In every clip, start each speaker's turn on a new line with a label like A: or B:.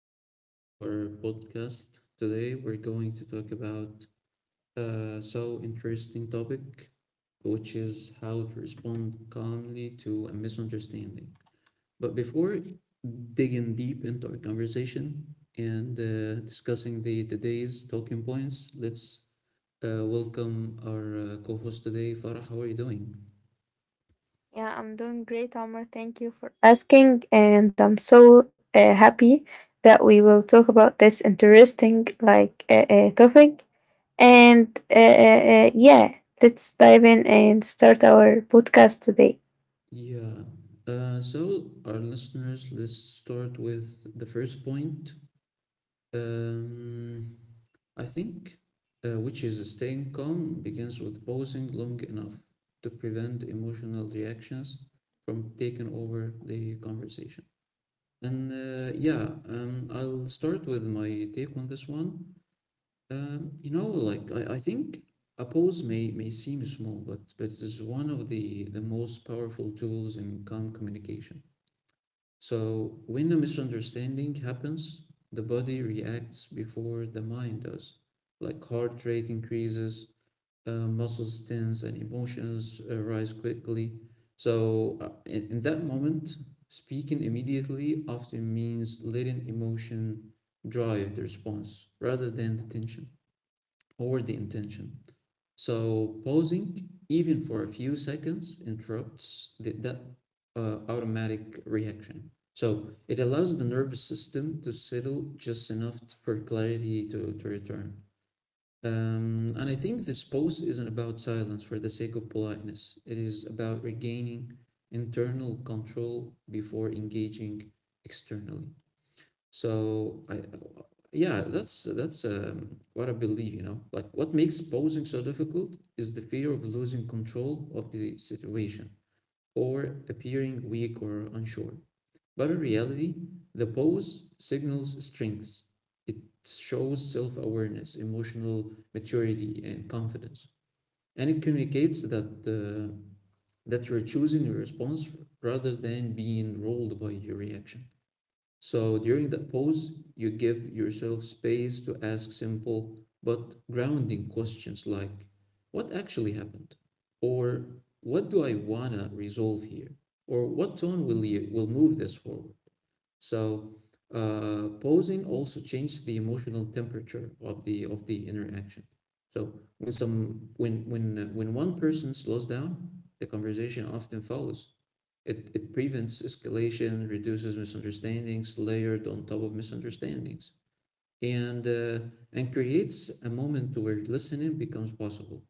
A: new episode of our podcast. Today, we're going to talk about a so interesting topic, which is how to respond calmly to a misunderstanding. But before digging deep into our conversation and discussing the today's talking points, let's welcome our co-host today, Farah. How are you doing?
B: Yeah, I'm doing great, Omar. Thank you for asking. And I'm so happy that we will talk about this interesting topic. And uh, uh, uh, yeah, let's dive in and start our podcast today.
A: Yeah. So our listeners, let's start with the first point. Um, I think, which is staying calm, begins with pausing long enough to prevent emotional reactions from taking over the conversation. And yeah, I'll start with my take on this one. You know, like I think a pause may seem small, but it's one of the most powerful tools in calm communication. So, when a misunderstanding happens, the body reacts before the mind does, like heart rate increases, muscles tense, and emotions rise quickly. So, in that moment, speaking immediately often means letting emotion drive the response rather than the tension or the intention. So pausing, even for a few seconds, interrupts the, that automatic reaction. So it allows the nervous system to settle just enough for clarity to return. And I think this pause isn't about silence for the sake of politeness. It is about regaining internal control before engaging externally. So I, yeah, that's what I believe, you know. Like what makes posing so difficult is the fear of losing control of the situation or appearing weak or unsure. But in reality, the pose signals strengths. It shows self-awareness, emotional maturity, and confidence. And it communicates that you're choosing your response rather than being ruled by your reaction. So during that pause, you give yourself space to ask simple but grounding questions like, what actually happened? Or what do I wanna resolve here? Or what tone will you will move this forward? So posing also changes the emotional temperature of the interaction. So when some when one person slows down, the conversation often follows. It prevents escalation, reduces misunderstandings layered on top of misunderstandings, and uh, and creates a moment where listening becomes possible.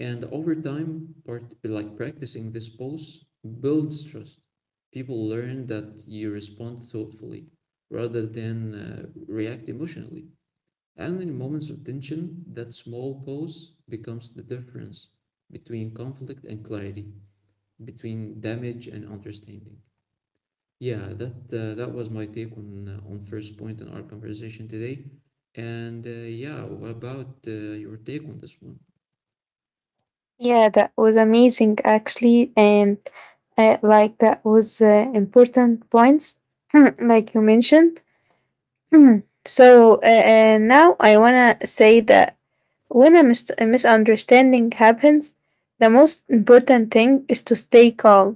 A: And over time, part like practicing this pose builds trust. People learn that you respond thoughtfully rather than react emotionally. And in moments of tension, that small pose becomes the difference between conflict and clarity, between damage and understanding. Yeah, that was my take on first point in our conversation today. And yeah, what about your take on this one?
B: Yeah, that was amazing actually. And like that was important points like you mentioned. Now I want to say that when a misunderstanding happens, the most important thing is to stay calm.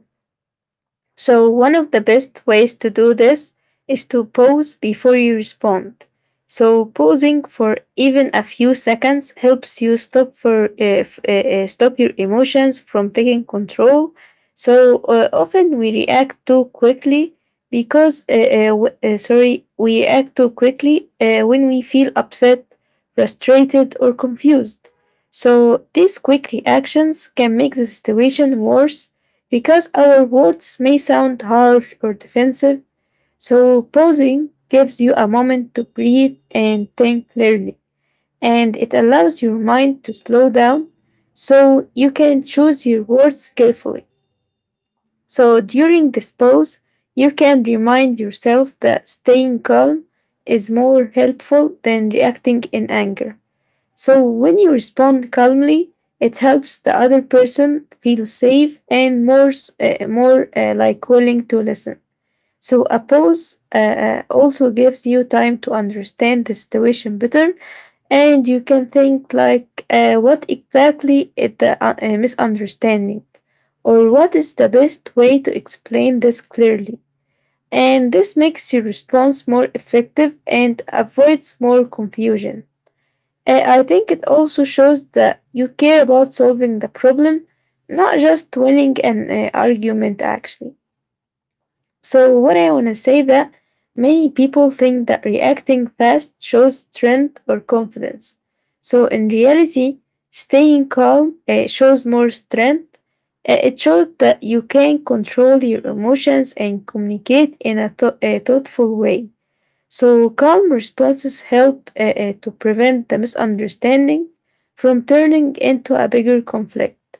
B: So one of the best ways to do this is to pause before you respond. So pausing for even a few seconds helps you stop your emotions from taking control. So, often we react too quickly because w- sorry, we react too quickly when we feel upset, frustrated, or confused. So these quick reactions can make the situation worse because our words may sound harsh or defensive, so pausing gives you a moment to breathe and think clearly, and it allows your mind to slow down so you can choose your words carefully. So during this pause, you can remind yourself that staying calm is more helpful than reacting in anger. So when you respond calmly, it helps the other person feel safe and more like willing to listen. So a pause also gives you time to understand the situation better, and you can think like what exactly is the misunderstanding, or what is the best way to explain this clearly. And this makes your response more effective and avoids more confusion. I think it also shows that you care about solving the problem, not just winning an argument, actually. So what I want to say that many people think that reacting fast shows strength or confidence. So in reality, staying calm shows more strength. It shows that you can control your emotions and communicate in a, a thoughtful way. So calm responses help to prevent the misunderstanding from turning into a bigger conflict.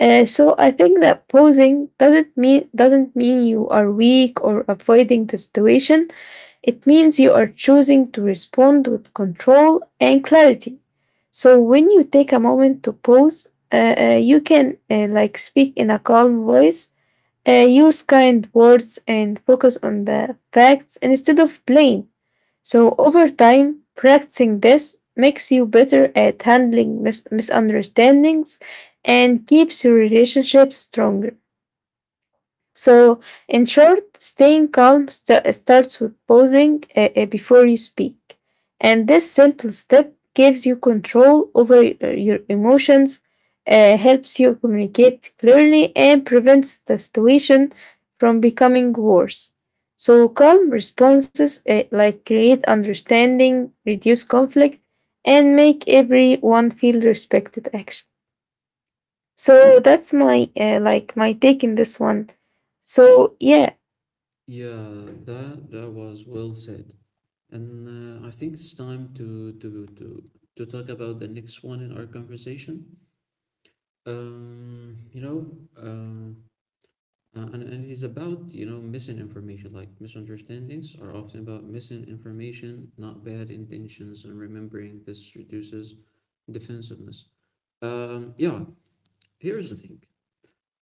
B: So I think that pausing doesn't mean you are weak or avoiding the situation. It means you are choosing to respond with control and clarity. So when you take a moment to pause, you can like speak in a calm voice, use kind words, and focus on the facts instead of blame. So over time, practicing this makes you better at handling misunderstandings and keeps your relationship stronger. So in short, staying calm starts with pausing before you speak. And this simple step gives you control over your emotions, helps you communicate clearly, and prevents the situation from becoming worse. So calm responses like create understanding, reduce conflict, and make everyone feel respected, actually. So that's my like my take in this one. So yeah.
A: Yeah, that was well said. And I think it's time to talk about the next one in our conversation. You know, uh, and it is about, you know, missing information like misunderstandings are often about missing information, not bad intentions, and remembering this reduces defensiveness. Yeah, here's the thing.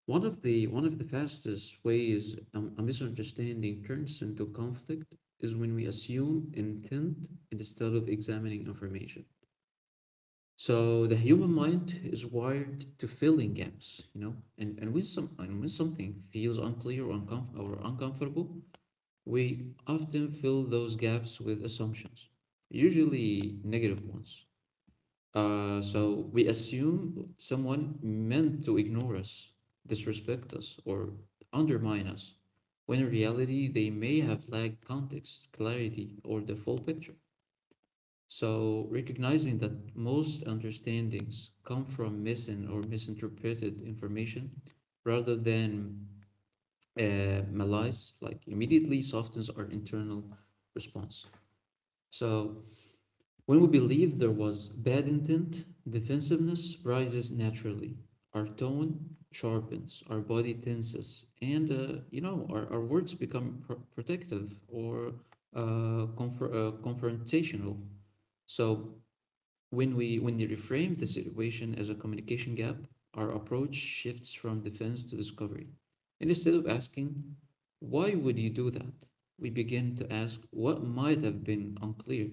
A: One of the fastest ways a misunderstanding turns into conflict is when we assume intent instead of examining information. So the human mind is wired to fill in gaps, you know, and when something feels unclear or, uncomfortable, we often fill those gaps with assumptions, usually negative ones. So we assume someone meant to ignore us, disrespect us, or undermine us, when in reality they may have lacked context, clarity, or the full picture. So recognizing that most understandings come from missing or misinterpreted information rather than malice, like immediately softens our internal response. So when we believe there was bad intent, defensiveness rises naturally. Our tone sharpens, our body tenses, and you know, our words become protective or confrontational. So when we when they reframe the situation as a communication gap, our approach shifts from defense to discovery. And instead of asking, why would you do that? We begin to ask what might have been unclear.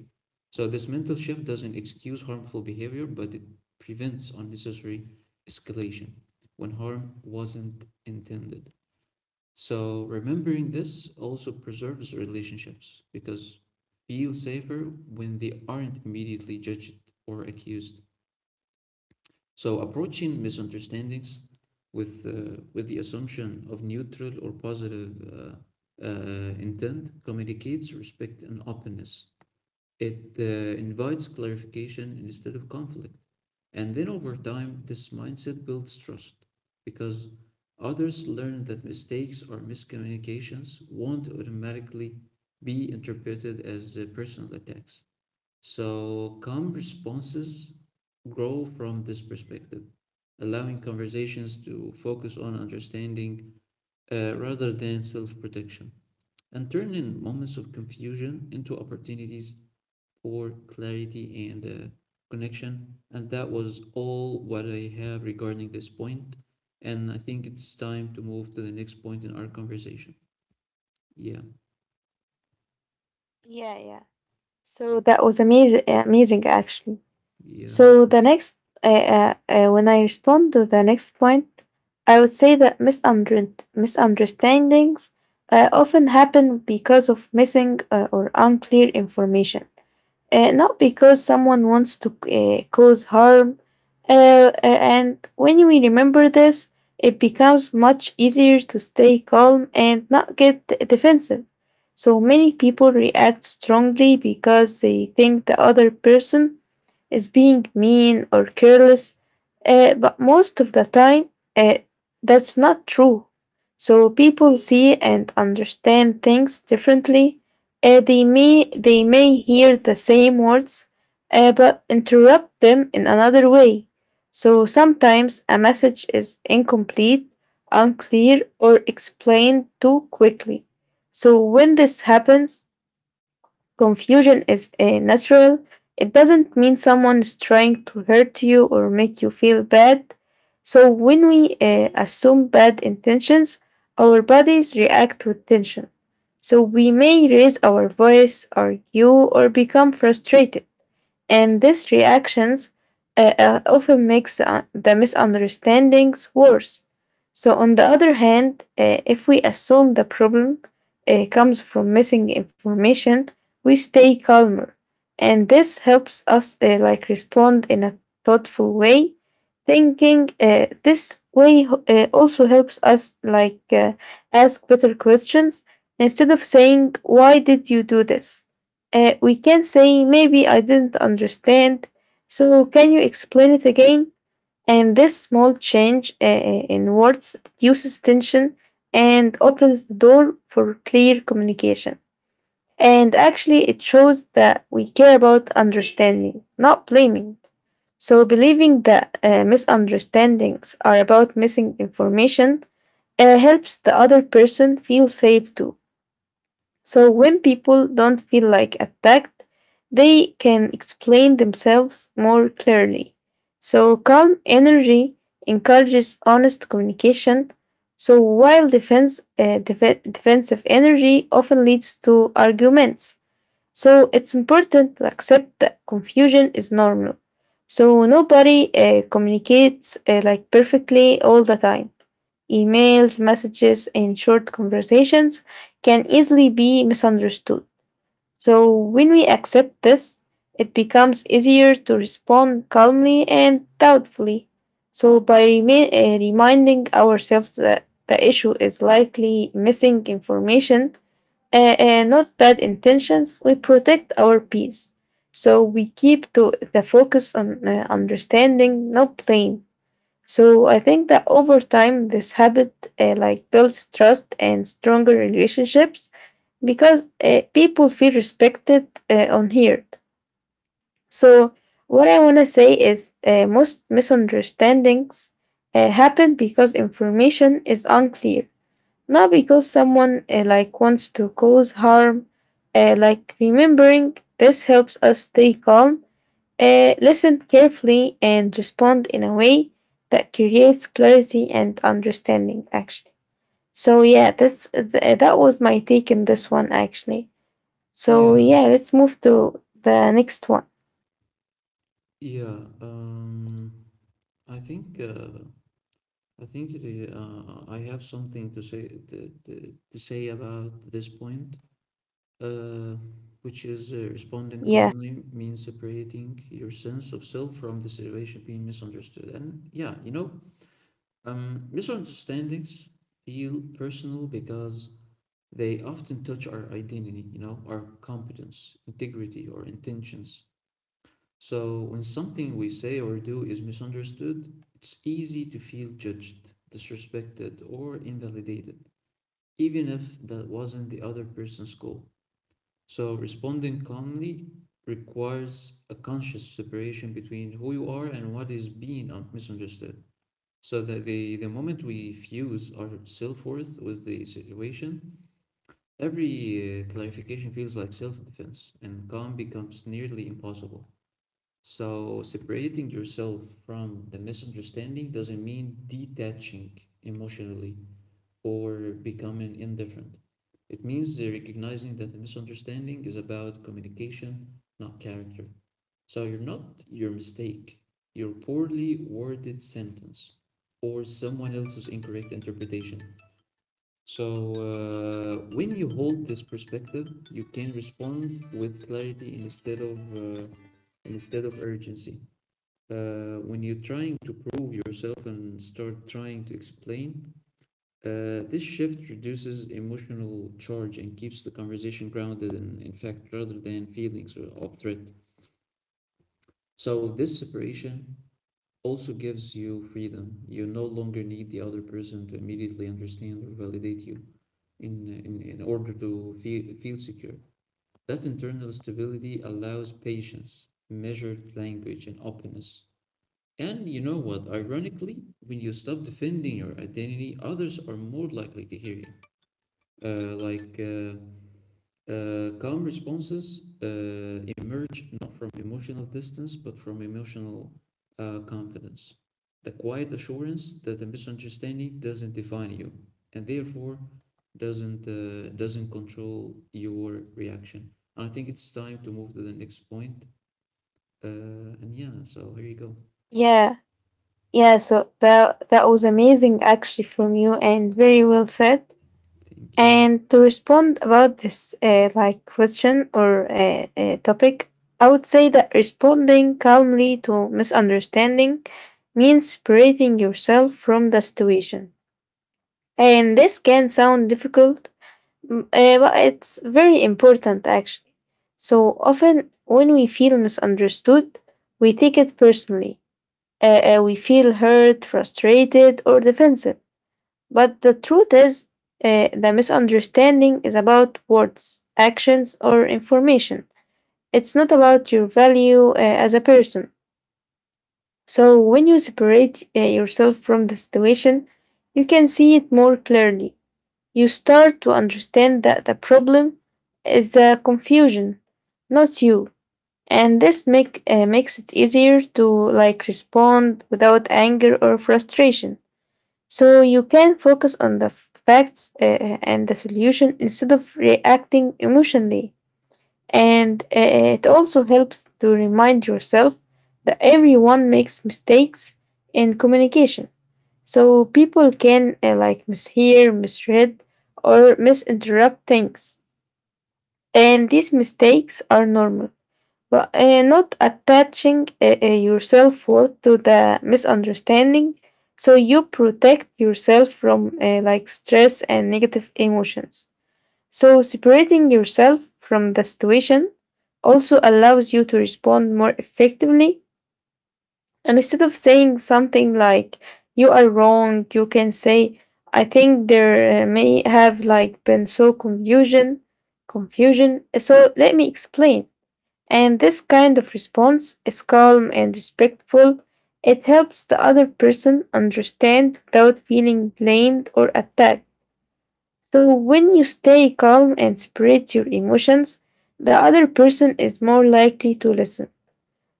A: So this mental shift doesn't excuse harmful behavior, but it prevents unnecessary escalation when harm wasn't intended. So remembering this also preserves relationships because feel safer when they aren't immediately judged or accused. So approaching misunderstandings with the assumption of neutral or positive intent communicates respect and openness. It invites clarification instead of conflict. And then over time, this mindset builds trust because others learn that mistakes or miscommunications won't automatically be interpreted as personal attacks. So, calm responses grow from this perspective, allowing conversations to focus on understanding rather than self protection and turning moments of confusion into opportunities for clarity and connection. And that was all what I have regarding this point. And I think it's time to move to the next point in our conversation. Yeah,
B: Yeah, yeah. So that was amazing actually.
A: yeah,
B: So the
A: thank
B: next, when I respond to the next point, I would say that misunderstandings often happen because of missing or unclear information, not because someone wants to cause harm. And when we remember this, it becomes much easier to stay calm and not get defensive. So many people react strongly because they think the other person as being mean or careless, but most of the time, uh, that's not true. So people see and understand things differently. They may hear the same words, but interrupt them in another way. So sometimes a message is incomplete, unclear, or explained too quickly. So when this happens, confusion is natural. It doesn't mean someone is trying to hurt you or make you feel bad. So when we assume bad intentions, our bodies react with tension. So we may raise our voice, argue, or become frustrated, and these reactions often makes the misunderstandings worse. So on the other hand, if we assume the problem comes from missing information, we stay calmer, and this helps us like respond in a thoughtful way. Thinking this way also helps us ask better questions instead of saying, "Why did you do this?" We can say, maybe I didn't understand. So can you explain it again? And this small change in words reduces tension and opens the door for clear communication. And actually, it shows that we care about understanding, not blaming. So believing that misunderstandings are about missing information helps the other person feel safe too. So when people don't feel like attacked, they can explain themselves more clearly. So calm energy encourages honest communication. So while defense, defensive energy often leads to arguments. So it's important to accept that confusion is normal. So nobody communicates like perfectly all the time. Emails, messages, and short conversations can easily be misunderstood. So when we accept this, it becomes easier to respond calmly and doubtfully. So by reminding ourselves that the issue is likely missing information and not bad intentions, we protect our peace. So we keep to the focus on understanding, not blame. So I think that over time, this habit like builds trust and stronger relationships because people feel respected on here. So what I want to say is most misunderstandings happen because information is unclear, not because someone like wants to cause harm. Like remembering this helps us stay calm, listen carefully, and respond in a way that creates clarity and understanding, actually. So yeah, that's that was my take in this one, actually. So
A: you.
B: yeah, let's move to the next one.
A: Yeah, yeah. I think uh, I think it is, I have something to say to say about this point, uh, which is responding
B: Yeah,
A: calmly means separating your sense of self from the situation being misunderstood. And yeah, you know, misunderstandings feel personal because they often touch our identity, you know, our competence, integrity, or intentions. So when something we say or do is misunderstood, it's easy to feel judged, disrespected, or invalidated, even if that wasn't the other person's goal. So responding calmly requires a conscious separation between who you are and what is being misunderstood. So the moment we fuse our self-worth with the situation, every clarification feels like self-defense, and calm becomes nearly impossible. So separating yourself from the misunderstanding doesn't mean detaching emotionally or becoming indifferent. It means recognizing that a misunderstanding is about communication, not character. So you're not your mistake, your poorly worded sentence, or someone else's incorrect interpretation. So when you hold this perspective, you can respond with clarity instead of urgency. When you're trying to prove yourself and start trying to explain, this shift reduces emotional charge and keeps the conversation grounded in fact rather than feelings of threat. So, this separation also gives you freedom. You no longer need the other person to immediately understand or validate you in order to feel, feel secure. That internal stability allows patience, measured language, and openness. And you know what? Ironically, when you stop defending your identity, others are more likely to hear you. Uh, like uh, calm responses emerge not from emotional distance, but from emotional confidence. The quiet assurance that a misunderstanding doesn't define you, and therefore doesn't control your reaction. And I think it's time to move to the next point. And yeah, so here you go.
B: yeah, yeah. So that, that was amazing, actually, from you and very well said.
A: Thank you.
B: And to respond about this, like, question or topic, I would say that responding calmly to misunderstanding means separating yourself from the situation. And this can sound difficult, but it's very important actually. So often, when we feel misunderstood, we take it personally. Uh, we feel hurt, frustrated, or defensive. But the truth is, the misunderstanding is about words, actions, or information. It's not about your value as a person. So when you separate yourself from the situation, you can see it more clearly. You start to understand that the problem is the confusion, not you. And this makes it easier to like respond without anger or frustration. So you can focus on the facts and the solution instead of reacting emotionally. And it also helps to remind yourself that everyone makes mistakes in communication. So people can like mishear, misread, or misinterpret things. And these mistakes are normal. But not attaching your self worth to the misunderstanding. So you protect yourself from like stress and negative emotions. So separating yourself from the situation also allows you to respond more effectively. And instead of saying something like, you are wrong, you can say, I think there may have like been so confusion, confusion. So let me explain. And this kind of response is calm and respectful. It helps the other person understand without feeling blamed or attacked. So when you stay calm and separate your emotions, the other person is more likely to listen.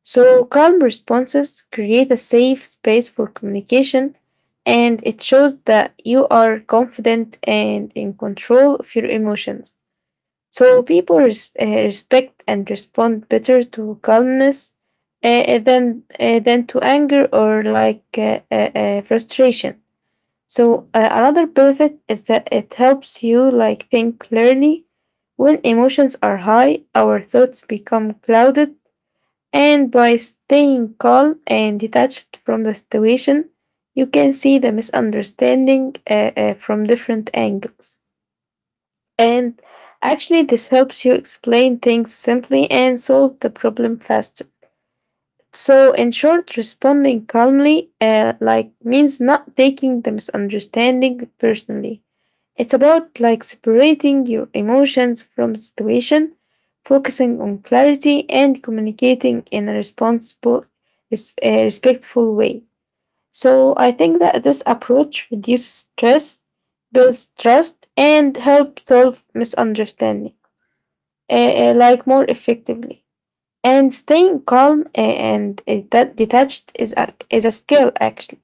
B: So calm responses create a safe space for communication, and it shows that you are confident and in control of your emotions. So people respect and respond better to calmness than to anger or frustration. So another benefit is that it helps you like think clearly. When emotions are high, our thoughts become clouded, and by staying calm and detached from the situation, you can see the misunderstanding from different angles. And actually, this helps you explain things simply and solve the problem faster. So in short, responding calmly, like means not taking the misunderstanding personally. It's about like separating your emotions from situation, focusing on clarity, and communicating in a responsible, respectful way. So I think that this approach reduces stress, builds trust, and helps solve misunderstanding like more effectively. And staying calm and that detached is a skill actually.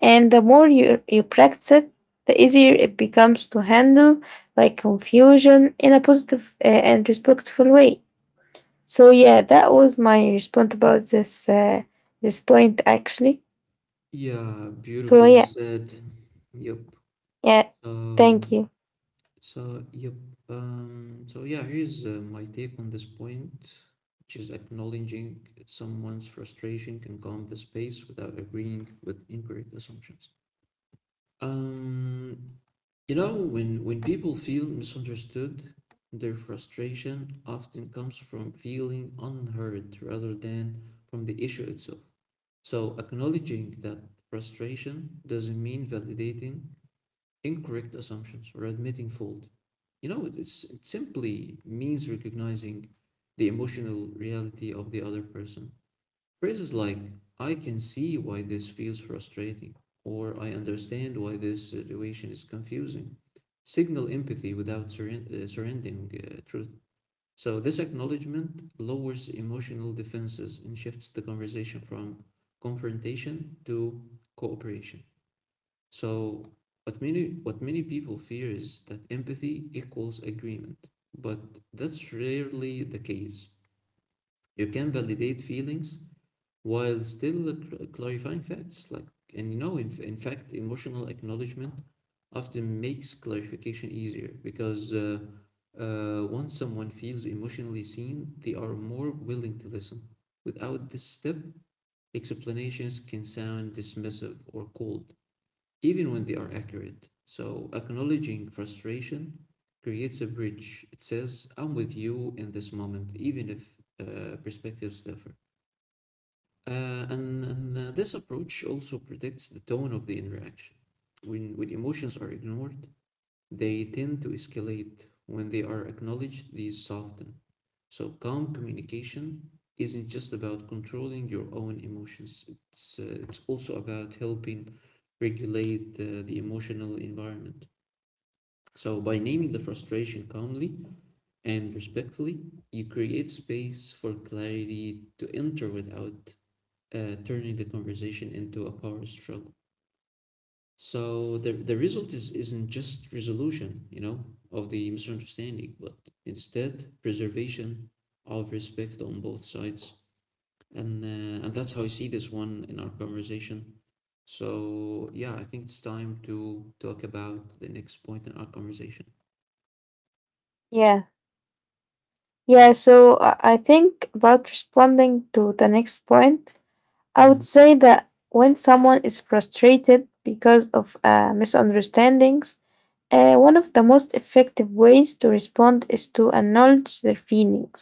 B: And the more you practice it, the easier it becomes to handle like confusion in a positive, and respectful way. So yeah, that was my response about this this point actually.
A: Yeah,
B: So
A: beautifully
B: yeah.
A: said. Yep.
B: Yeah,
A: So
B: thank you.
A: So, yep. So yeah, here's my take on this point, which is acknowledging someone's frustration can calm the space without agreeing with incorrect assumptions. Um, you know, when people feel misunderstood, their frustration often comes from feeling unheard rather than from the issue itself. So acknowledging that frustration doesn't mean validating incorrect assumptions or admitting fault. You know, it's, it simply means recognizing the emotional reality of the other person. Phrases like, I can see why this feels frustrating, or I understand why this situation is confusing, signal empathy without surrendering truth. So, this acknowledgement lowers emotional defenses and shifts the conversation from confrontation to cooperation. So, what many people fear is that empathy equals agreement, but that's rarely the case. You can validate feelings while still clarifying facts, like and you know, in fact, emotional acknowledgement often makes clarification easier because once someone feels emotionally seen, they are more willing to listen. Without this step, explanations can sound dismissive or cold even when they are accurate. So acknowledging frustration creates a bridge. It says, I'm with you in this moment, even if perspectives differ. And this approach also predicts the tone of the interaction. When emotions are ignored, they tend to escalate. When they are acknowledged, these soften. So, calm communication isn't just about controlling your own emotions, it's also about helping regulate the emotional environment. So, by naming the frustration calmly and respectfully, you create space for clarity to enter without turning the conversation into a power struggle. So, the result is, isn't just resolution, you know, of the misunderstanding, but instead preservation of respect on both sides and that's how I see this one in our conversation. So yeah, I think it's time to talk about the next point in our conversation.
B: Yeah, yeah.
A: Yep.
B: So I think about responding to the next point. I would
A: Mhm.
B: say that when someone is frustrated because of misunderstandings, one of the most effective ways to respond is to acknowledge their feelings.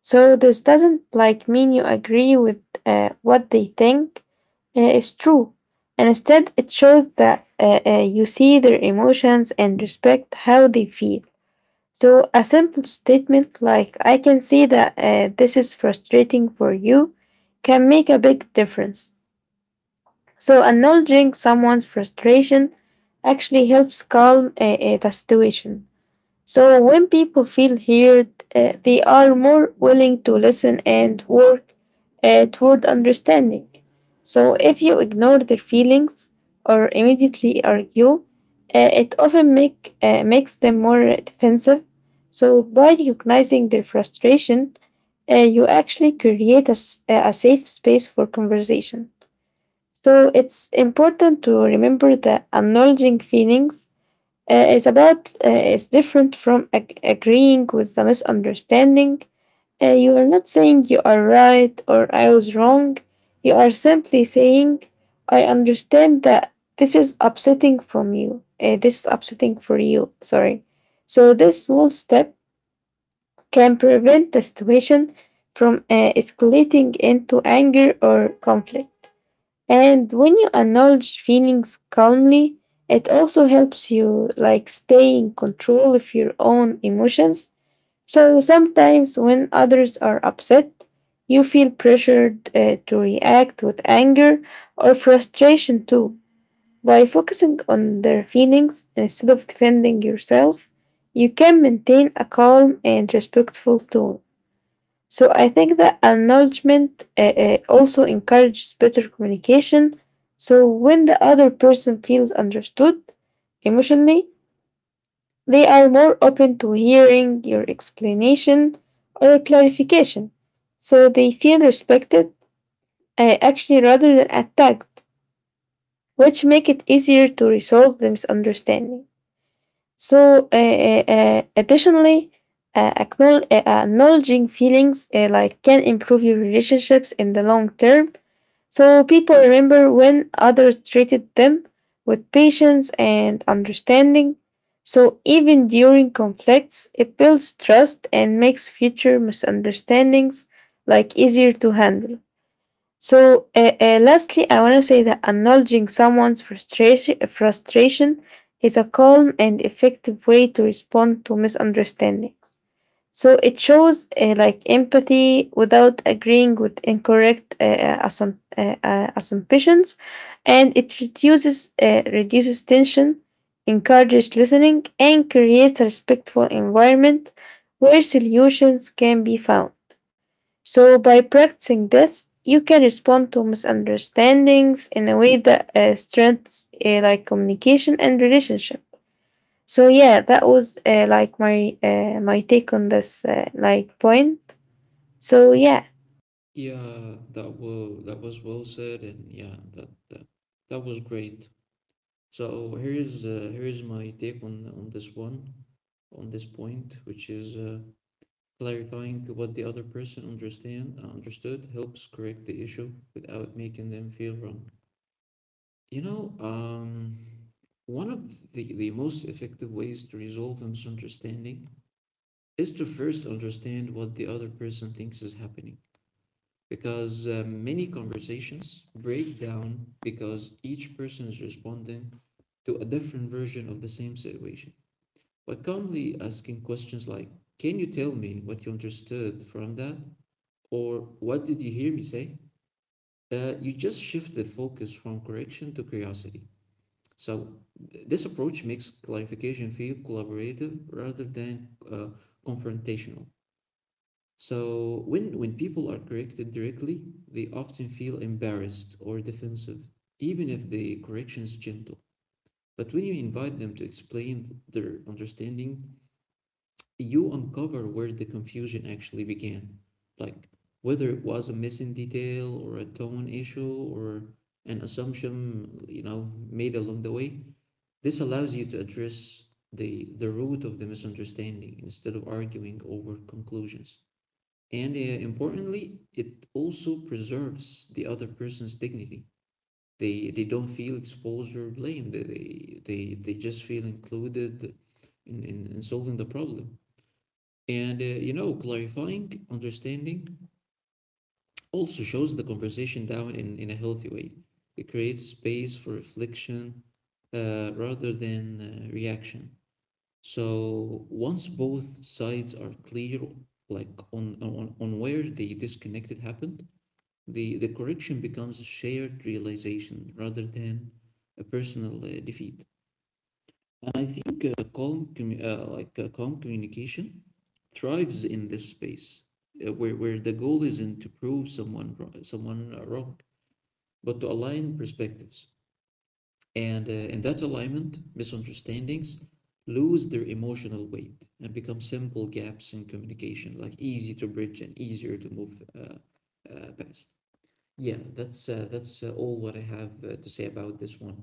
B: So this doesn't like mean you agree with what they think is true. And instead, it shows that you see their emotions and respect how they feel. So a simple statement like "I can see that this is frustrating for you" can make a big difference. So acknowledging someone's frustration actually helps calm the situation. So when people feel heard, they are more willing to listen and work toward understanding. So if you ignore their feelings or immediately argue, it often makes them more defensive. So by recognizing their frustration, you actually create a safe space for conversation. So it's important to remember that acknowledging feelings is about is different from agreeing with the misunderstanding. You are not saying you are right or I was wrong. You are simply saying, I understand that this is upsetting from you. This is upsetting for you. Sorry. So this small step can prevent the situation from escalating into anger or conflict. And when you acknowledge feelings calmly, it also helps you like stay in control of your own emotions. So sometimes when others are upset, you feel pressured to react with anger or frustration too. By focusing on their feelings instead of defending yourself, you can maintain a calm and respectful tone. So I think that acknowledgement also encourages better communication. So when the other person feels understood emotionally, they are more open to hearing your explanation or clarification. So they feel respected actually rather than attacked, which make it easier to resolve the misunderstanding. Additionally, acknowledging feelings like can improve your relationships in the long term. So people remember when others treated them with patience and understanding. So even during conflicts, it builds trust and makes future misunderstandings like easier to handle. So, lastly, I want to say that acknowledging someone's frustration is a calm and effective way to respond to misunderstandings. So, it shows like empathy without agreeing with incorrect assumptions, and it reduces tension, encourages listening, and creates a respectful environment where solutions can be found. So, by practicing this, you can respond to misunderstandings in a way that strengthens like communication and relationship. So, yeah, that was like my take on this like point. So, yeah,
A: Yeah, that will that was well said, and yeah, that was great. So here is my take on this one, on this point, which is clarifying what the other person understand understood helps correct the issue without making them feel wrong. You know, um, One of the most effective ways to resolve a misunderstanding is to first understand what the other person thinks is happening. Because many conversations break down because each person is responding to a different version of the same situation. By calmly asking questions like, can you tell me what you understood from that? Or what did you hear me say? You just shift the focus from correction to curiosity. So this approach makes clarification feel collaborative rather than confrontational. So when people are corrected directly, they often feel embarrassed or defensive, even if the correction is gentle. But when you invite them to explain their understanding, you uncover where the confusion actually began, like whether it was a missing detail or a tone issue or an assumption made along the way. This allows you to address the root of the misunderstanding instead of arguing over conclusions. And importantly, it also preserves the other person's dignity. They don't feel exposed or blamed. They just feel included in solving the problem. And, clarifying understanding also shows the conversation down in a healthy way. It creates space for reflection rather than reaction. So once both sides are clear, like on on where the disconnected happened, the correction becomes a shared realization rather than a personal defeat. And I think calm communication thrives in this space where the goal isn't to prove someone wrong, but to align perspectives. And in that alignment, misunderstandings lose their emotional weight and become simple gaps in communication, like easy to bridge and easier to move past. Yeah, that's all what I have to say about this one.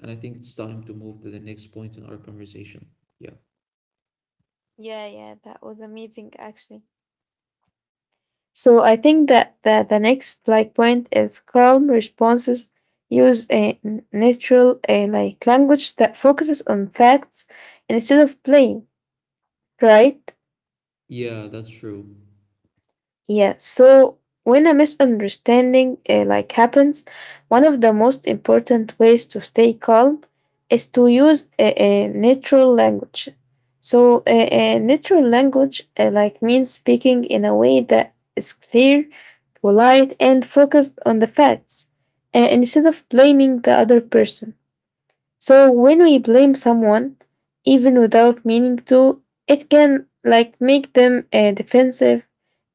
A: And I think it's time to move to the next point in our conversation. Yeah.
B: yeah, yeah, that was amazing actually. So, I think that the next like point is calm responses use a natural like language that focuses on facts instead of blame, right?
A: Yeah, that's true.
B: Yeah, so when a misunderstanding like happens, one of the most important ways to stay calm is to use a natural language. So a natural language like means speaking in a way that is clear, polite, and focused on the facts, instead of blaming the other person. So when we blame someone, even without meaning to, it can like make them defensive,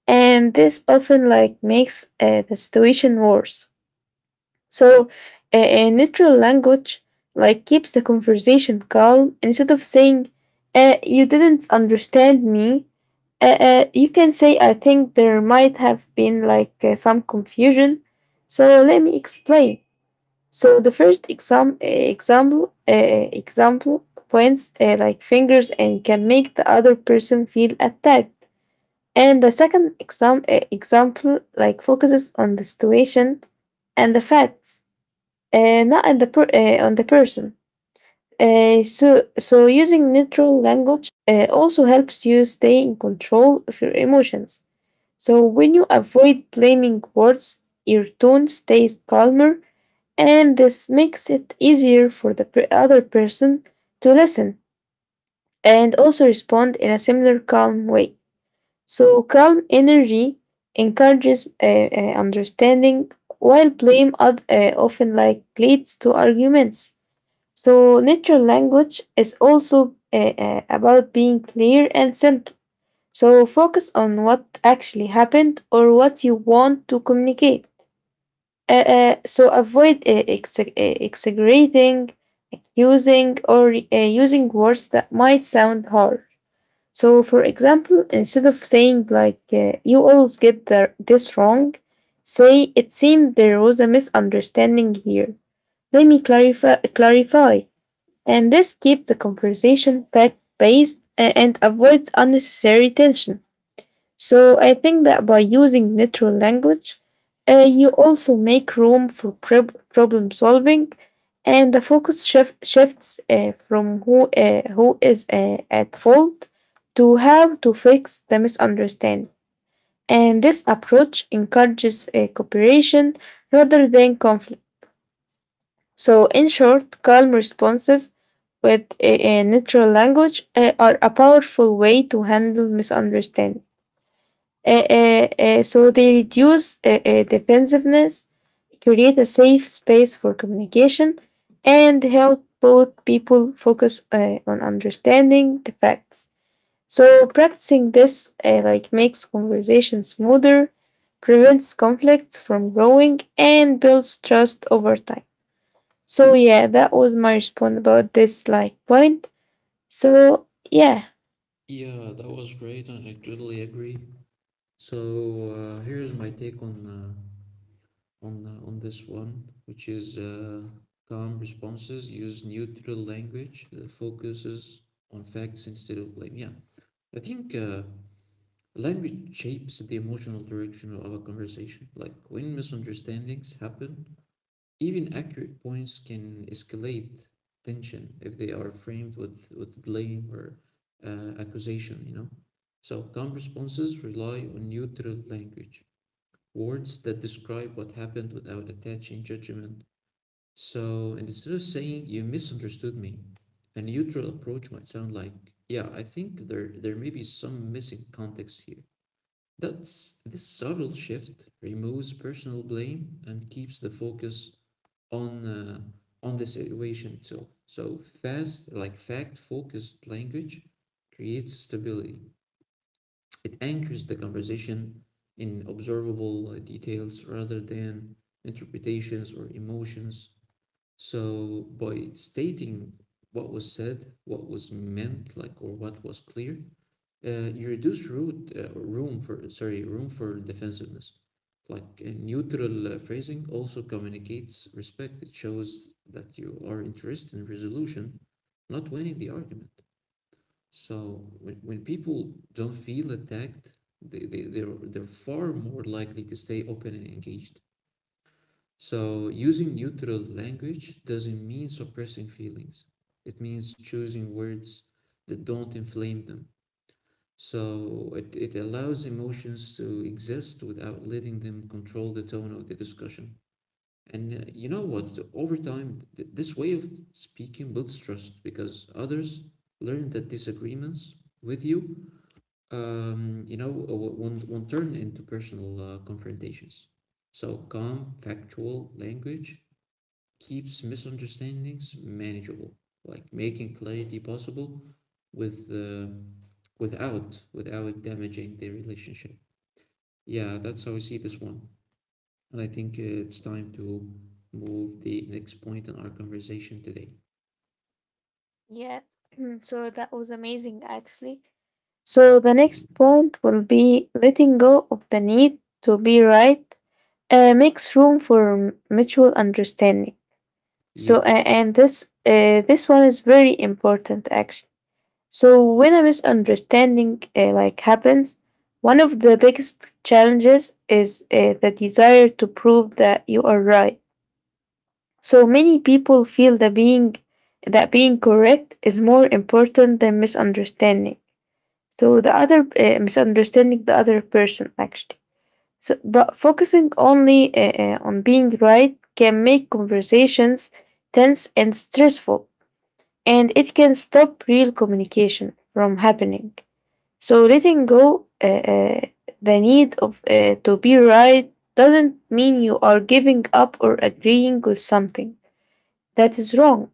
B: and this often like makes the situation worse. So a neutral language like keeps the conversation calm. Instead of saying "you didn't understand me," you can say, "I think there might have been like some confusion, so let me explain." So the first example points like fingers and can make the other person feel attacked, and the second example like focuses on the situation and the facts, not on the person. So, so using neutral language also helps you stay in control of your emotions. So when you avoid blaming words, your tone stays calmer, and this makes it easier for the other person to listen and also respond in a similar calm way. So calm energy encourages understanding, while blame often like leads to arguments. So natural language is also about being clear and simple. So focus on what actually happened or what you want to communicate. So avoid exaggerating, accusing, or using words that might sound harsh. So, for example, instead of saying like "you always get this wrong," say, "it seems there was a misunderstanding here. Let me clarify." Clarify. And this keeps the conversation fact based and avoids unnecessary tension. So I think that by using natural language, you also make room for problem solving, and the focus shifts from who is at fault to how to fix the misunderstanding. And this approach encourages cooperation rather than conflict. So, in short, calm responses with a natural language are a powerful way to handle misunderstandings. So they reduce defensiveness, create a safe space for communication, and help both people focus on understanding the facts. So practicing this like makes conversations smoother, prevents conflicts from growing, and builds trust over time. So yeah, that was my response about this like point. So yeah.
A: Yeah, that was great, and I totally agree. So here's my take on on this one, which is calm responses use neutral language that focuses on facts instead of blame. Yeah, I think language shapes the emotional direction of a conversation. Like when misunderstandings happen, even accurate points can escalate tension if they are framed with blame or accusation. You know, so calm responses rely on neutral language, words that describe what happened without attaching judgment. So instead of saying you misunderstood me, a neutral approach might sound like, yeah, I think there may be some missing context here. That's this subtle shift removes personal blame and keeps the focus on on the situation itself. So fast, like fact-focused language creates stability. It anchors the conversation in observable details rather than interpretations or emotions. So by stating what was said, what was meant, like or what was clear, you reduce room for, sorry, room for defensiveness. Like a neutral phrasing also communicates respect. It shows that you are interested in resolution, not winning the argument. So when people don't feel attacked, they're far more likely to stay open and engaged. So using neutral language doesn't mean suppressing feelings. It means choosing words that don't inflame them. So it allows emotions to exist without letting them control the tone of the discussion. And you know what? Over time, this way of speaking builds trust because others learn that disagreements with you, won't turn into personal confrontations. So calm, factual language keeps misunderstandings manageable, like making clarity possible with uh, without without damaging the relationship. Yeah, that's how I see this one, and I think it's time to move the next point in our conversation today.
B: Yeah. So that was amazing, actually. So the next point will be letting go of the need to be right makes room for mutual understanding. So
A: Yep.
B: and this one is very important actually. So when a misunderstanding like happens, one of the biggest challenges is the desire to prove that you are right. So many people feel that being correct is more important than misunderstanding. So the other misunderstanding the other person actually. So, but focusing only on being right can make conversations tense and stressful, and it can stop real communication from happening. So letting go the need of to be right doesn't mean you are giving up or agreeing with something that is wrong.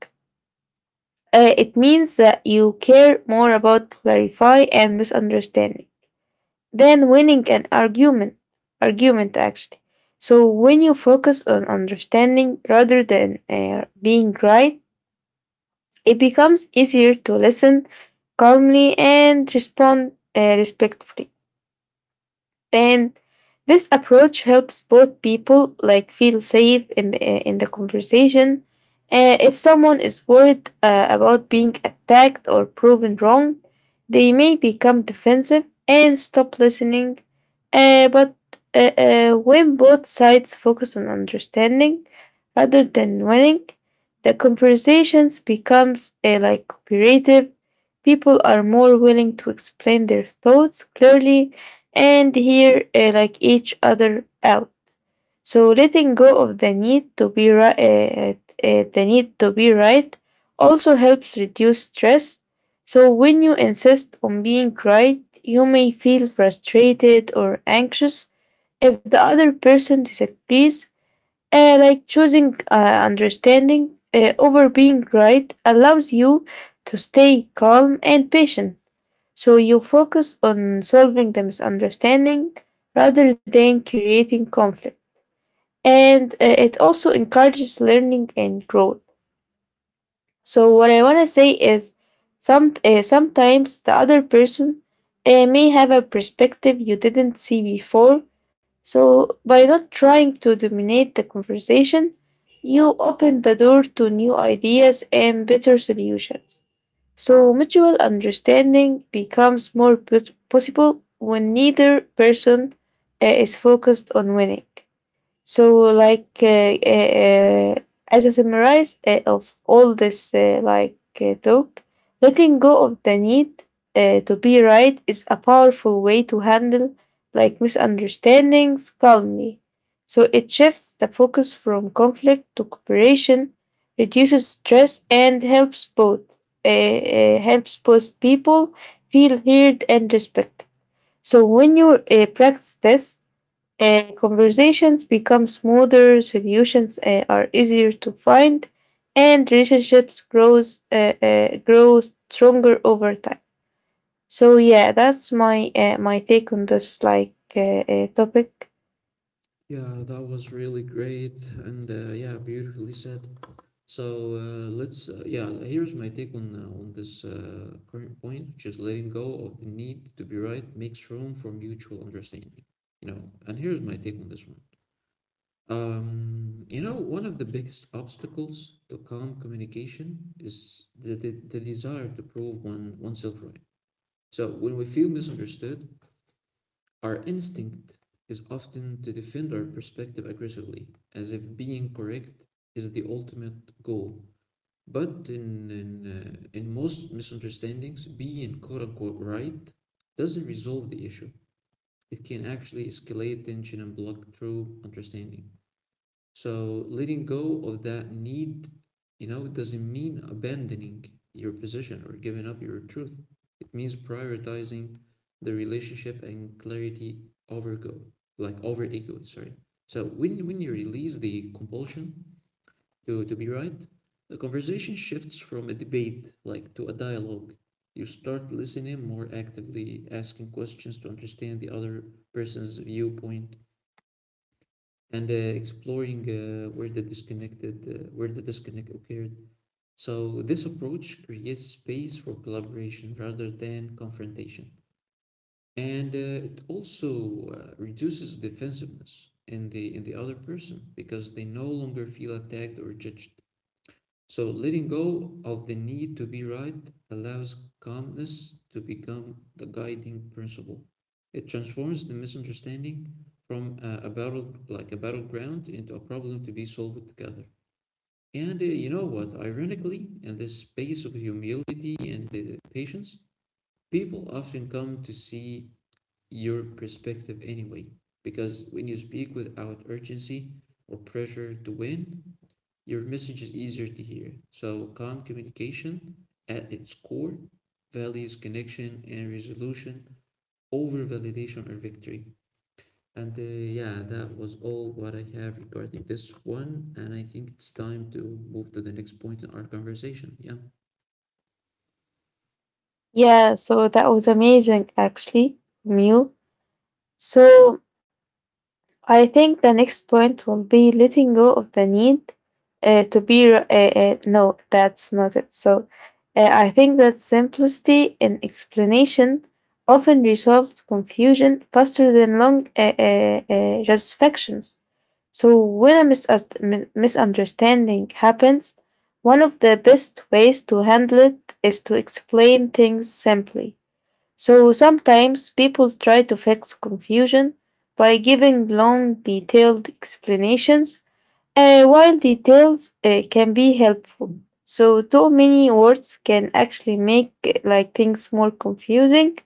B: It means that you care more about clarify and misunderstanding than winning an argument. Argument actually. So when you focus on understanding rather than being right, it becomes easier to listen calmly and respond respectfully. And this approach helps both people like feel safe in the conversation. If someone is worried about being attacked or proven wrong, they may become defensive and stop listening. But when both sides focus on understanding rather than winning, the conversations becomes like cooperative. People are more willing to explain their thoughts clearly and hear like each other out. So letting go of the need to be right also helps reduce stress. So when you insist on being right, you may feel frustrated or anxious if the other person disagrees. Like choosing understanding over being right allows you to stay calm and patient. So you focus on solving the misunderstanding rather than creating conflict. And it also encourages learning and growth. So what I want to say is, sometimes the other person may have a perspective you didn't see before. So by not trying to dominate the conversation, you open the door to new ideas and better solutions. So mutual understanding becomes more possible when neither person is focused on winning. So, as a summarize of all this, talk, letting go of the need to be right is a powerful way to handle, like, misunderstandings calmly. So, it shifts the focus from conflict to cooperation, reduces stress, and helps helps both people feel heard and respected. So, when you practice this, and conversations become smoother, solutions are easier to find, and relationships grow stronger over time. So yeah, that's my take on this like topic.
A: Yeah, that was really great and yeah, beautifully said. So let's yeah. Here's my take on this current point, which is letting go of the need to be right makes room for mutual understanding. You know, and here's my take on this one. You know, one of the biggest obstacles to calm communication is the desire to prove oneself right. So when we feel misunderstood, our instinct is often to defend our perspective aggressively, as if being correct is the ultimate goal. But in most misunderstandings, being quote unquote right doesn't resolve the issue. It can actually escalate tension and block true understanding. So letting go of that need, you know, doesn't mean abandoning your position or giving up your truth. It means prioritizing the relationship and clarity over go, like over ego, sorry. So when you release the compulsion to be right, the conversation shifts from a debate like to a dialogue. You start listening more actively, asking questions to understand the other person's viewpoint, and exploring where the disconnect occurred. So this approach creates space for collaboration rather than confrontation, and it also reduces defensiveness in the other person because they no longer feel attacked or judged. So letting go of the need to be right allows calmness to become the guiding principle. It transforms the misunderstanding from a battleground into a problem to be solved together. And you know what? Ironically, in this space of humility and patience, people often come to see your perspective anyway. Because when you speak without urgency or pressure to win, your message is easier to hear. So calm communication at its core values connection and resolution over validation or victory. And yeah, that was all what I have regarding this one. And I think it's time to move to the next point in our conversation. Yeah.
B: Yeah, so that was amazing actually from you. So I think the next point will be letting go of the need no, that's not it. So I think that simplicity in explanation often resolves confusion faster than long satisfactions. So when a misunderstanding happens, one of the best ways to handle it is to explain things simply. So sometimes people try to fix confusion by giving long, detailed explanations, while details can be helpful. So too many words can actually make like things more confusing.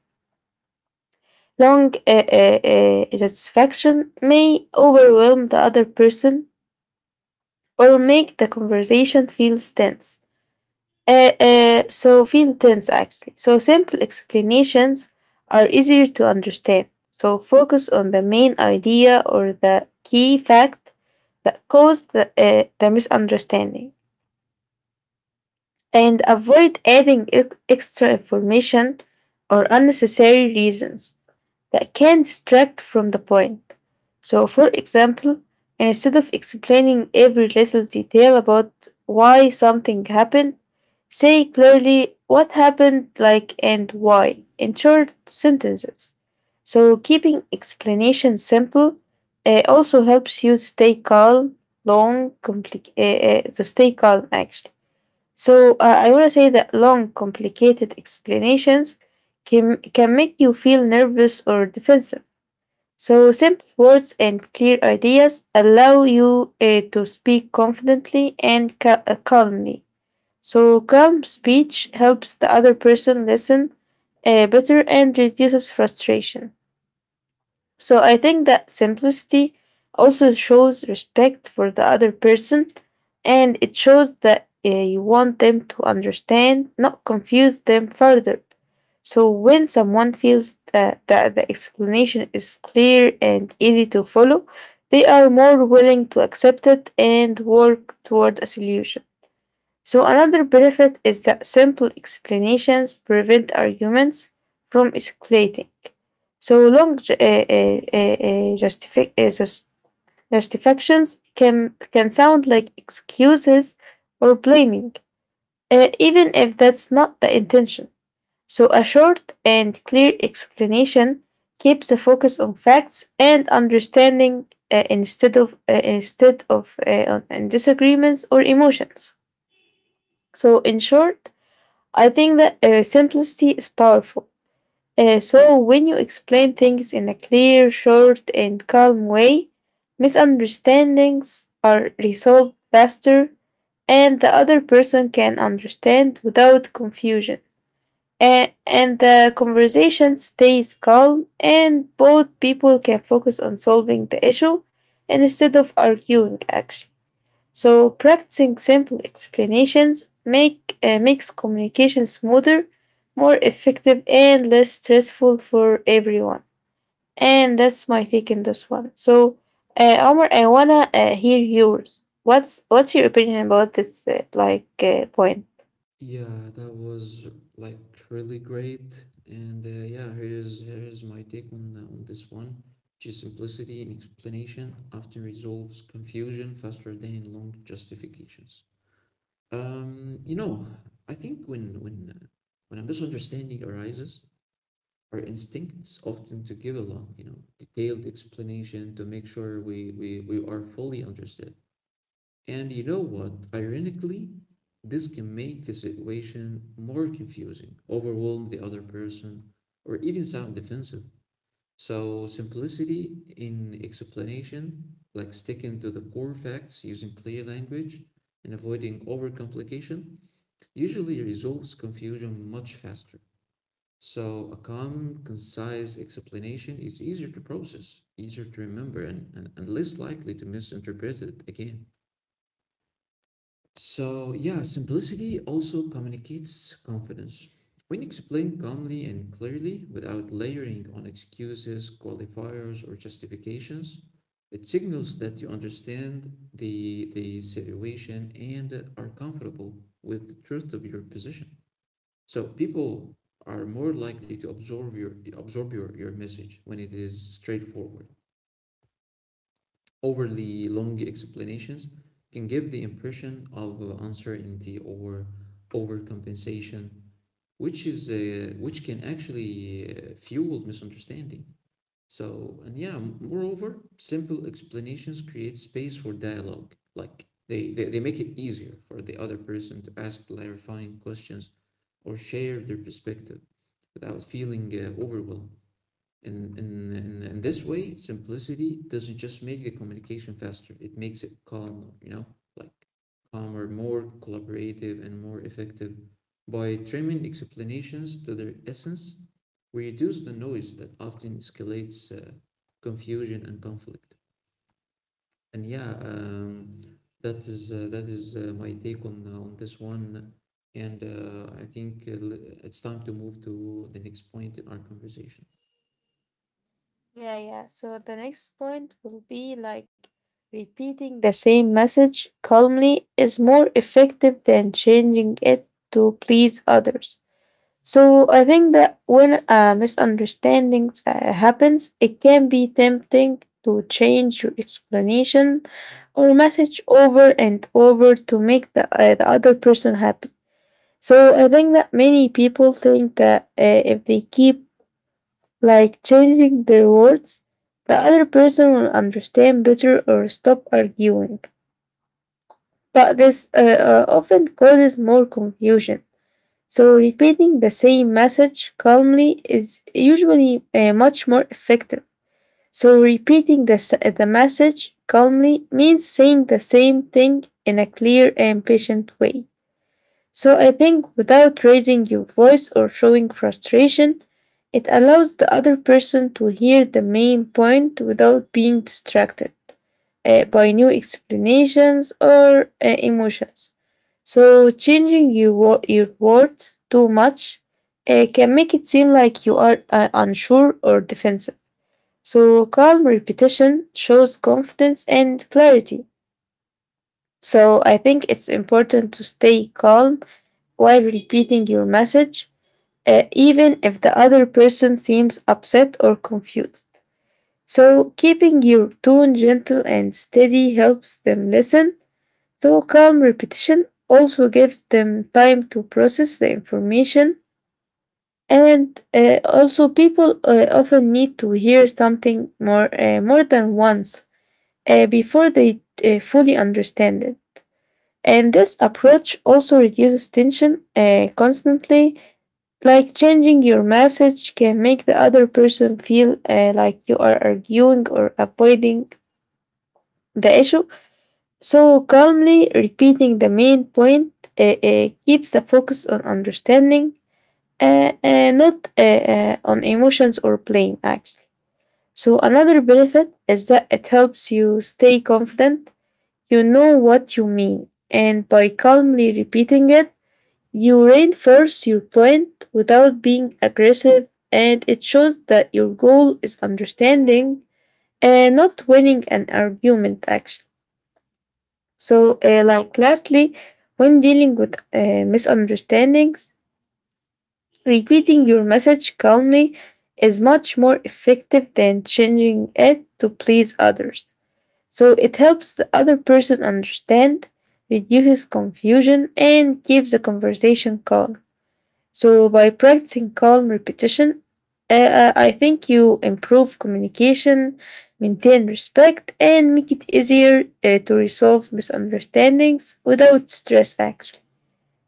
B: Long satisfaction may overwhelm the other person or make the conversation feel tense. So feel tense actually. So simple explanations are easier to understand. So focus on the main idea or the key fact that caused the misunderstanding and avoid adding extra information or unnecessary reasons that can distract from the point. So, for example, instead of explaining every little detail about why something happened, say clearly what happened, like, and why in short sentences. So, keeping explanations simple, also helps you stay calm, to stay calm actually. So I want to say that long, complicated explanations can make you feel nervous or defensive. So simple words and clear ideas allow you to speak confidently and calmly. So calm speech helps the other person listen better and reduces frustration. So I think that simplicity also shows respect for the other person, and it shows that you want them to understand, not confuse them further. So when someone feels that the explanation is clear and easy to follow, they are more willing to accept it and work toward a solution. So another benefit is that simple explanations prevent arguments from escalating. So long ju- justifi- sus- Justifications can sound like excuses or blaming, even if that's not the intention. So a short and clear explanation keeps the focus on facts and understanding, instead of on disagreements or emotions. So in short, I think that simplicity is powerful. So when you explain things in a clear, short, and calm way, misunderstandings are resolved faster and the other person can understand without confusion. And the conversation stays calm and both people can focus on solving the issue instead of arguing actually. So practicing simple explanations makes communication smoother, more effective, and less stressful for everyone. And that's my take in this one. Omar, I wanna hear yours. What's your opinion about this point?
A: Yeah, that was like really great. And yeah, here's my take on this one, which is simplicity and explanation often resolves confusion faster than long justifications. You know, I think when a misunderstanding arises, our instincts often to give a long, you know, detailed explanation to make sure we are fully understood. And you know what? Ironically, this can make the situation more confusing, overwhelm the other person, or even sound defensive. So simplicity in explanation, like sticking to the core facts using clear language and avoiding overcomplication, usually resolves confusion much faster. So a calm, concise explanation is easier to process, easier to remember, and, and less likely to misinterpret it again. So, yeah, simplicity also communicates confidence. When you explain calmly and clearly without layering on excuses, qualifiers, or justifications, it signals that you understand the situation and are comfortable with the truth of your position. So people are more likely to absorb your message when it is straightforward. Overly long explanations can give the impression of uncertainty or overcompensation, which is which can actually fuel misunderstanding. So, and yeah, moreover, simple explanations create space for dialogue. Like they make it easier for the other person to ask clarifying questions or share their perspective without feeling overwhelmed. In this way, simplicity doesn't just make the communication faster, it makes it calmer, you know, like calmer, more collaborative, and more effective. By trimming explanations to their essence, we reduce the noise that often escalates confusion and conflict. And yeah, that is my take on this one. And I think it's time to move to the next point in our conversation.
B: Yeah, yeah. So the next point will be like repeating the same message calmly is more effective than changing it to please others. So I think that when a misunderstanding happens, it can be tempting to change your explanation or message over and over to make the other person happy. So I think that many people think that if they keep like changing their words, the other person will understand better or stop arguing. But this, often causes more confusion, so repeating the same message calmly is usually much more effective. So, repeating the message calmly means saying the same thing in a clear and patient way. So I think without raising your voice or showing frustration, it allows the other person to hear the main point without being distracted by new explanations or emotions. So changing your words too much can make it seem like you are unsure or defensive. So calm repetition shows confidence and clarity. So I think it's important to stay calm while repeating your message, even if the other person seems upset or confused. So, keeping your tone gentle and steady helps them listen. So, calm repetition also gives them time to process the information. And also, people often need to hear something more, more than once before they fully understand it. And this approach also reduces tension constantly. Like changing your message can make the other person feel like you are arguing or avoiding the issue. So, calmly repeating the main point keeps the focus on understanding, not on emotions or blame, actually. So, another benefit is that it helps you stay confident. You know what you mean, and by calmly repeating it, you reinforce your point without being aggressive, and it shows that your goal is understanding and not winning an argument, actually. So, like, lastly, when dealing with misunderstandings, repeating your message calmly is much more effective than changing it to please others. So, it helps the other person understand, reduces confusion, and keeps the conversation calm. So, by practicing calm repetition, I think you improve communication, maintain respect, and make it easier to resolve misunderstandings without stress, actually.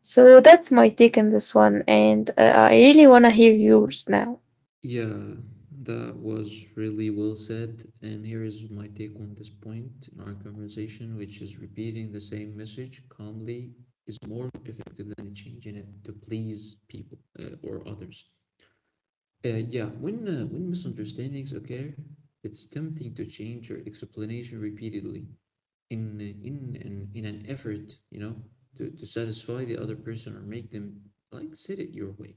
B: So, that's my take on this one, and I really want to hear yours now.
A: Yeah, that was really well said. And here is my take on this point in our conversation, which is repeating the same message calmly is more effective than changing it to please people or others. Yeah, when misunderstandings occur, it's tempting to change your explanation repeatedly in an effort, you know, to satisfy the other person or make them like sit it your way.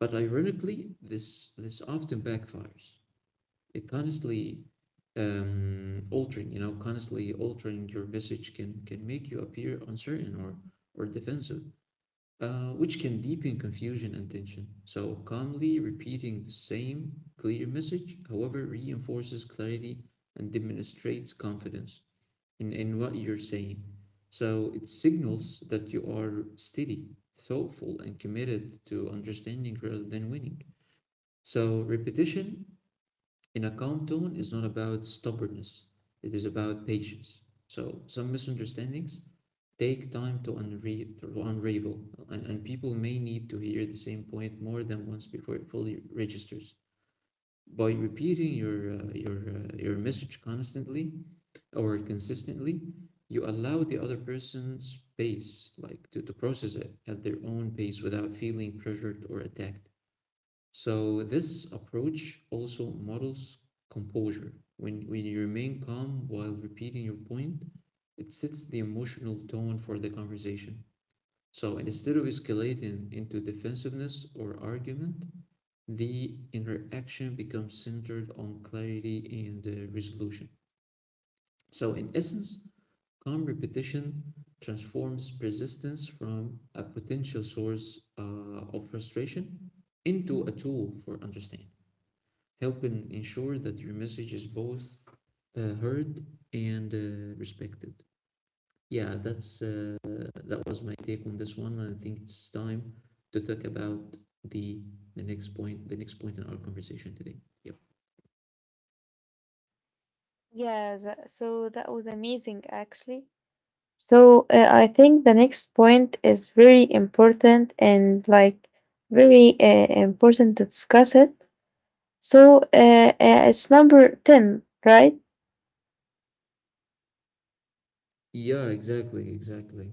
A: But ironically, this often backfires. It constantly altering, you know, constantly altering your message can make you appear uncertain or defensive, which can deepen confusion and tension. So calmly repeating the same clear message, however, reinforces clarity and demonstrates confidence in what you're saying. So it signals that you are steady, thoughtful, and committed to understanding rather than winning. So repetition in a calm tone is not about stubbornness, it is about patience. So some misunderstandings take time to, unravel, and people may need to hear the same point more than once before it fully registers. By repeating your message constantly or consistently, you allow the other person space, like to process it at their own pace without feeling pressured or attacked. So this approach also models composure. When you remain calm while repeating your point, it sets the emotional tone for the conversation. So instead of escalating into defensiveness or argument, the interaction becomes centered on clarity and resolution. So in essence, calm repetition transforms persistence from a potential source of frustration into a tool for understanding, helping ensure that your message is both heard and respected. Yeah, that was my take on this one. I think it's time to talk about the the next point, in our conversation today. Yep.
B: Yeah, that, so that was amazing actually. So I think the next point is very important and like very important to discuss it. So it's number 10, right?
A: Yeah, exactly, exactly.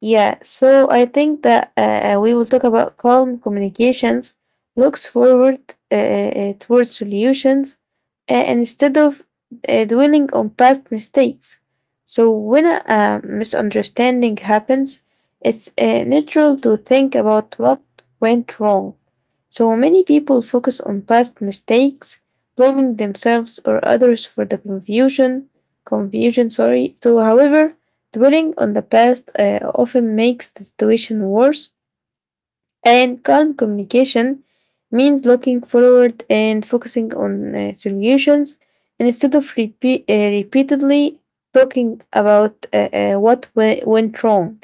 B: Yeah, so I think that we will talk about calm communications, looks forward towards solutions, and instead of dwelling on past mistakes. So when a, misunderstanding happens, it's natural to think about what went wrong. So many people focus on past mistakes, blaming themselves or others for the confusion, sorry. So however, dwelling on the past often makes the situation worse, and calm communication means looking forward and focusing on solutions instead of repeatedly talking about went wrong.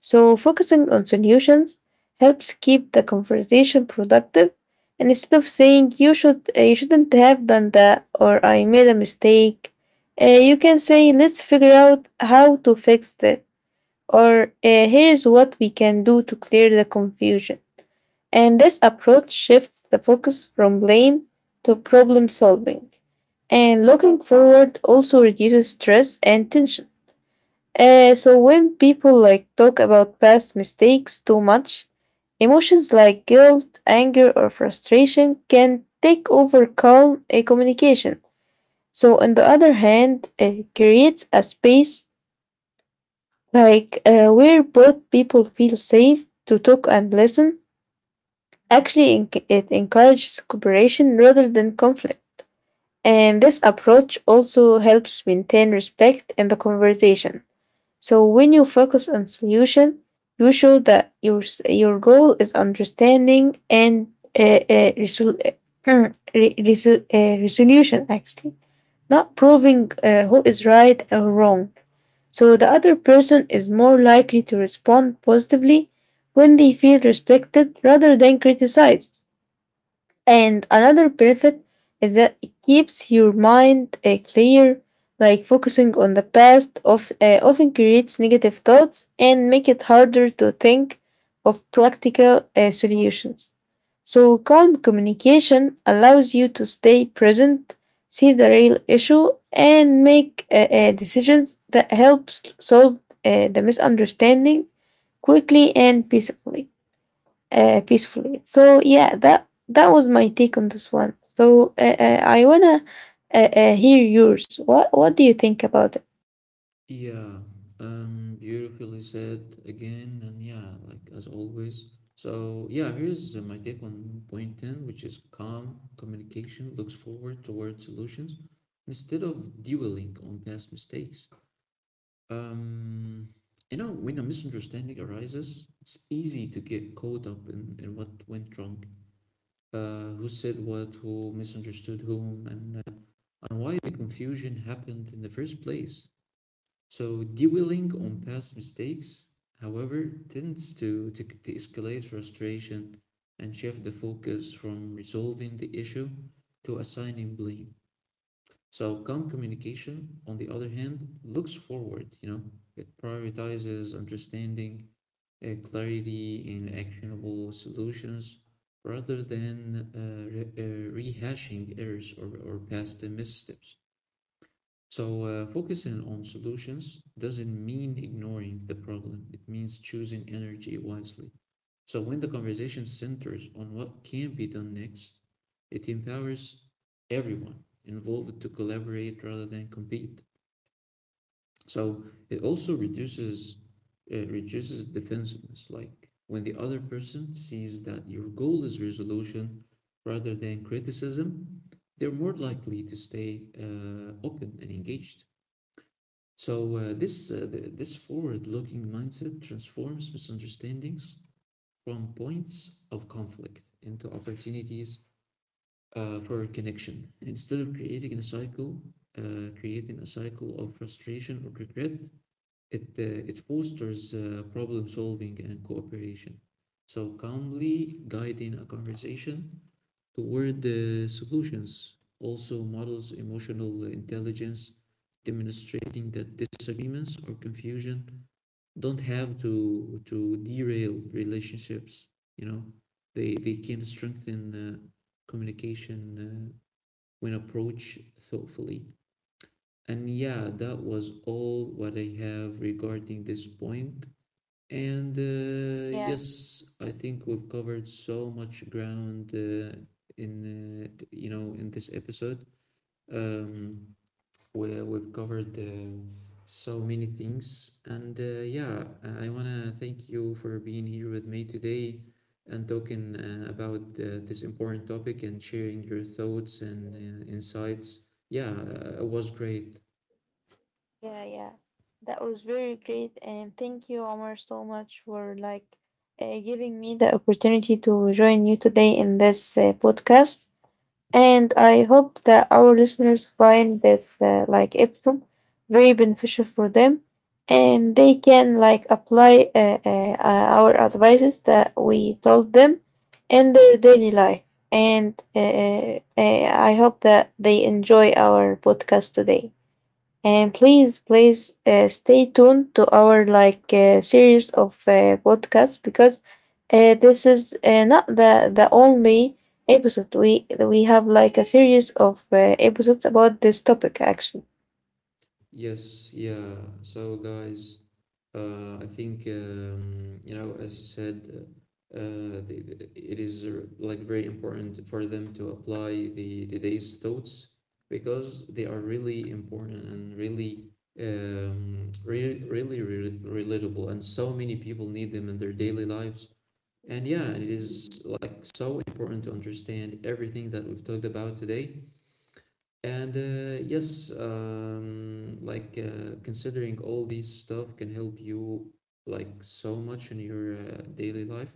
B: So, focusing on solutions helps keep the conversation productive. And instead of saying you shouldn't have done that, or I made a mistake, you can say let's figure out how to fix this, or here is what we can do to clear the confusion. And this approach shifts the focus from blame to problem solving. And looking forward also reduces stress and tension. So when people like talk about past mistakes too much, emotions like guilt, anger, or frustration can take over calm communication. So on the other hand, it creates a space like where both people feel safe to talk and listen. Actually, it encourages cooperation rather than conflict. And this approach also helps maintain respect in the conversation. So when you focus on solution, you show that your goal is understanding and resol- uh, re- resol- resolution actually, not proving who is right or wrong. So the other person is more likely to respond positively when they feel respected rather than criticized. And another benefit is that it keeps your mind clear, like focusing on the past often creates negative thoughts and make it harder to think of practical solutions. So calm communication allows you to stay present, see the real issue, and make decisions that helps solve the misunderstanding quickly and peacefully peacefully. So yeah, that that was my take on this one. So I wanna hear yours. What do you think about it?
A: Yeah, beautifully said again, and yeah, like as always. So, yeah, here's my take on point 10, which is calm communication looks forward toward solutions instead of dwelling on past mistakes. Um, you know, when a misunderstanding arises, it's easy to get caught up in what went wrong, who said what, who misunderstood whom, and and why the confusion happened in the first place. So dwelling on past mistakes, however, tends to escalate frustration and shift the focus from resolving the issue to assigning blame. So calm communication, on the other hand, looks forward, you know, it prioritizes understanding, clarity, and actionable solutions rather than rehashing errors or past missteps. So, focusing on solutions doesn't mean ignoring the problem. It means choosing energy wisely. So, when the conversation centers on what can be done next, it empowers everyone involved to collaborate rather than compete. So, it also reduces defensiveness. Like when the other person sees that your goal is resolution rather than criticism, they're more likely to stay open and engaged. So this forward-looking mindset transforms misunderstandings from points of conflict into opportunities for connection. Instead of creating a cycle, of frustration or regret, it fosters problem solving and cooperation. So calmly guiding a conversation toward solutions, also models emotional intelligence, demonstrating that disagreements or confusion don't have to derail relationships. You know, they can strengthen communication when approached thoughtfully. And yeah, that was all what I have regarding this point. And
B: Yeah,
A: yes, I think we've covered so much ground in you know, in this episode. Um, where we've covered so many things, and yeah, I wanna thank you for being here with me today and talking about this important topic and sharing your thoughts and insights. Yeah, it was great.
B: yeah, yeah. That was very great, and thank you, Omar, so much for like giving me the opportunity to join you today in this podcast. And I hope that our listeners find this episode very beneficial for them, and they can like apply our advices that we told them in their daily life. And I hope that they enjoy our podcast today. And please, please stay tuned to our like series of podcasts because this is not the only episode. We have like a series of episodes about this topic. Actually,
A: Yes, yeah. So, guys, I think you know, as you said, it is like very important for them to apply the today's thoughts because they are really important and really, re really re relatable, and so many people need them in their daily lives. And yeah, and it is like so important to understand everything that we've talked about today. And yes, like considering all these stuff can help you like so much in your daily life.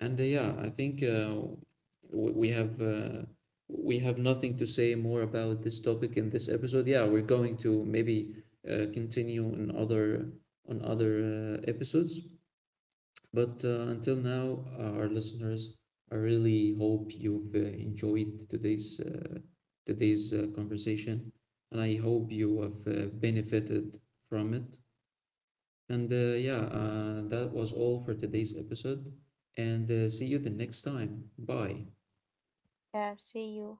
A: And yeah, I think w- we have uh, we have nothing to say more about this topic in this episode. Yeah, we're going to maybe continue on other on other episodes. But until now, our listeners, I really hope you've enjoyed today's conversation, and I hope you have benefited from it. And yeah, that was all for today's episode. And see you the next time. Bye.
B: yeah. See you.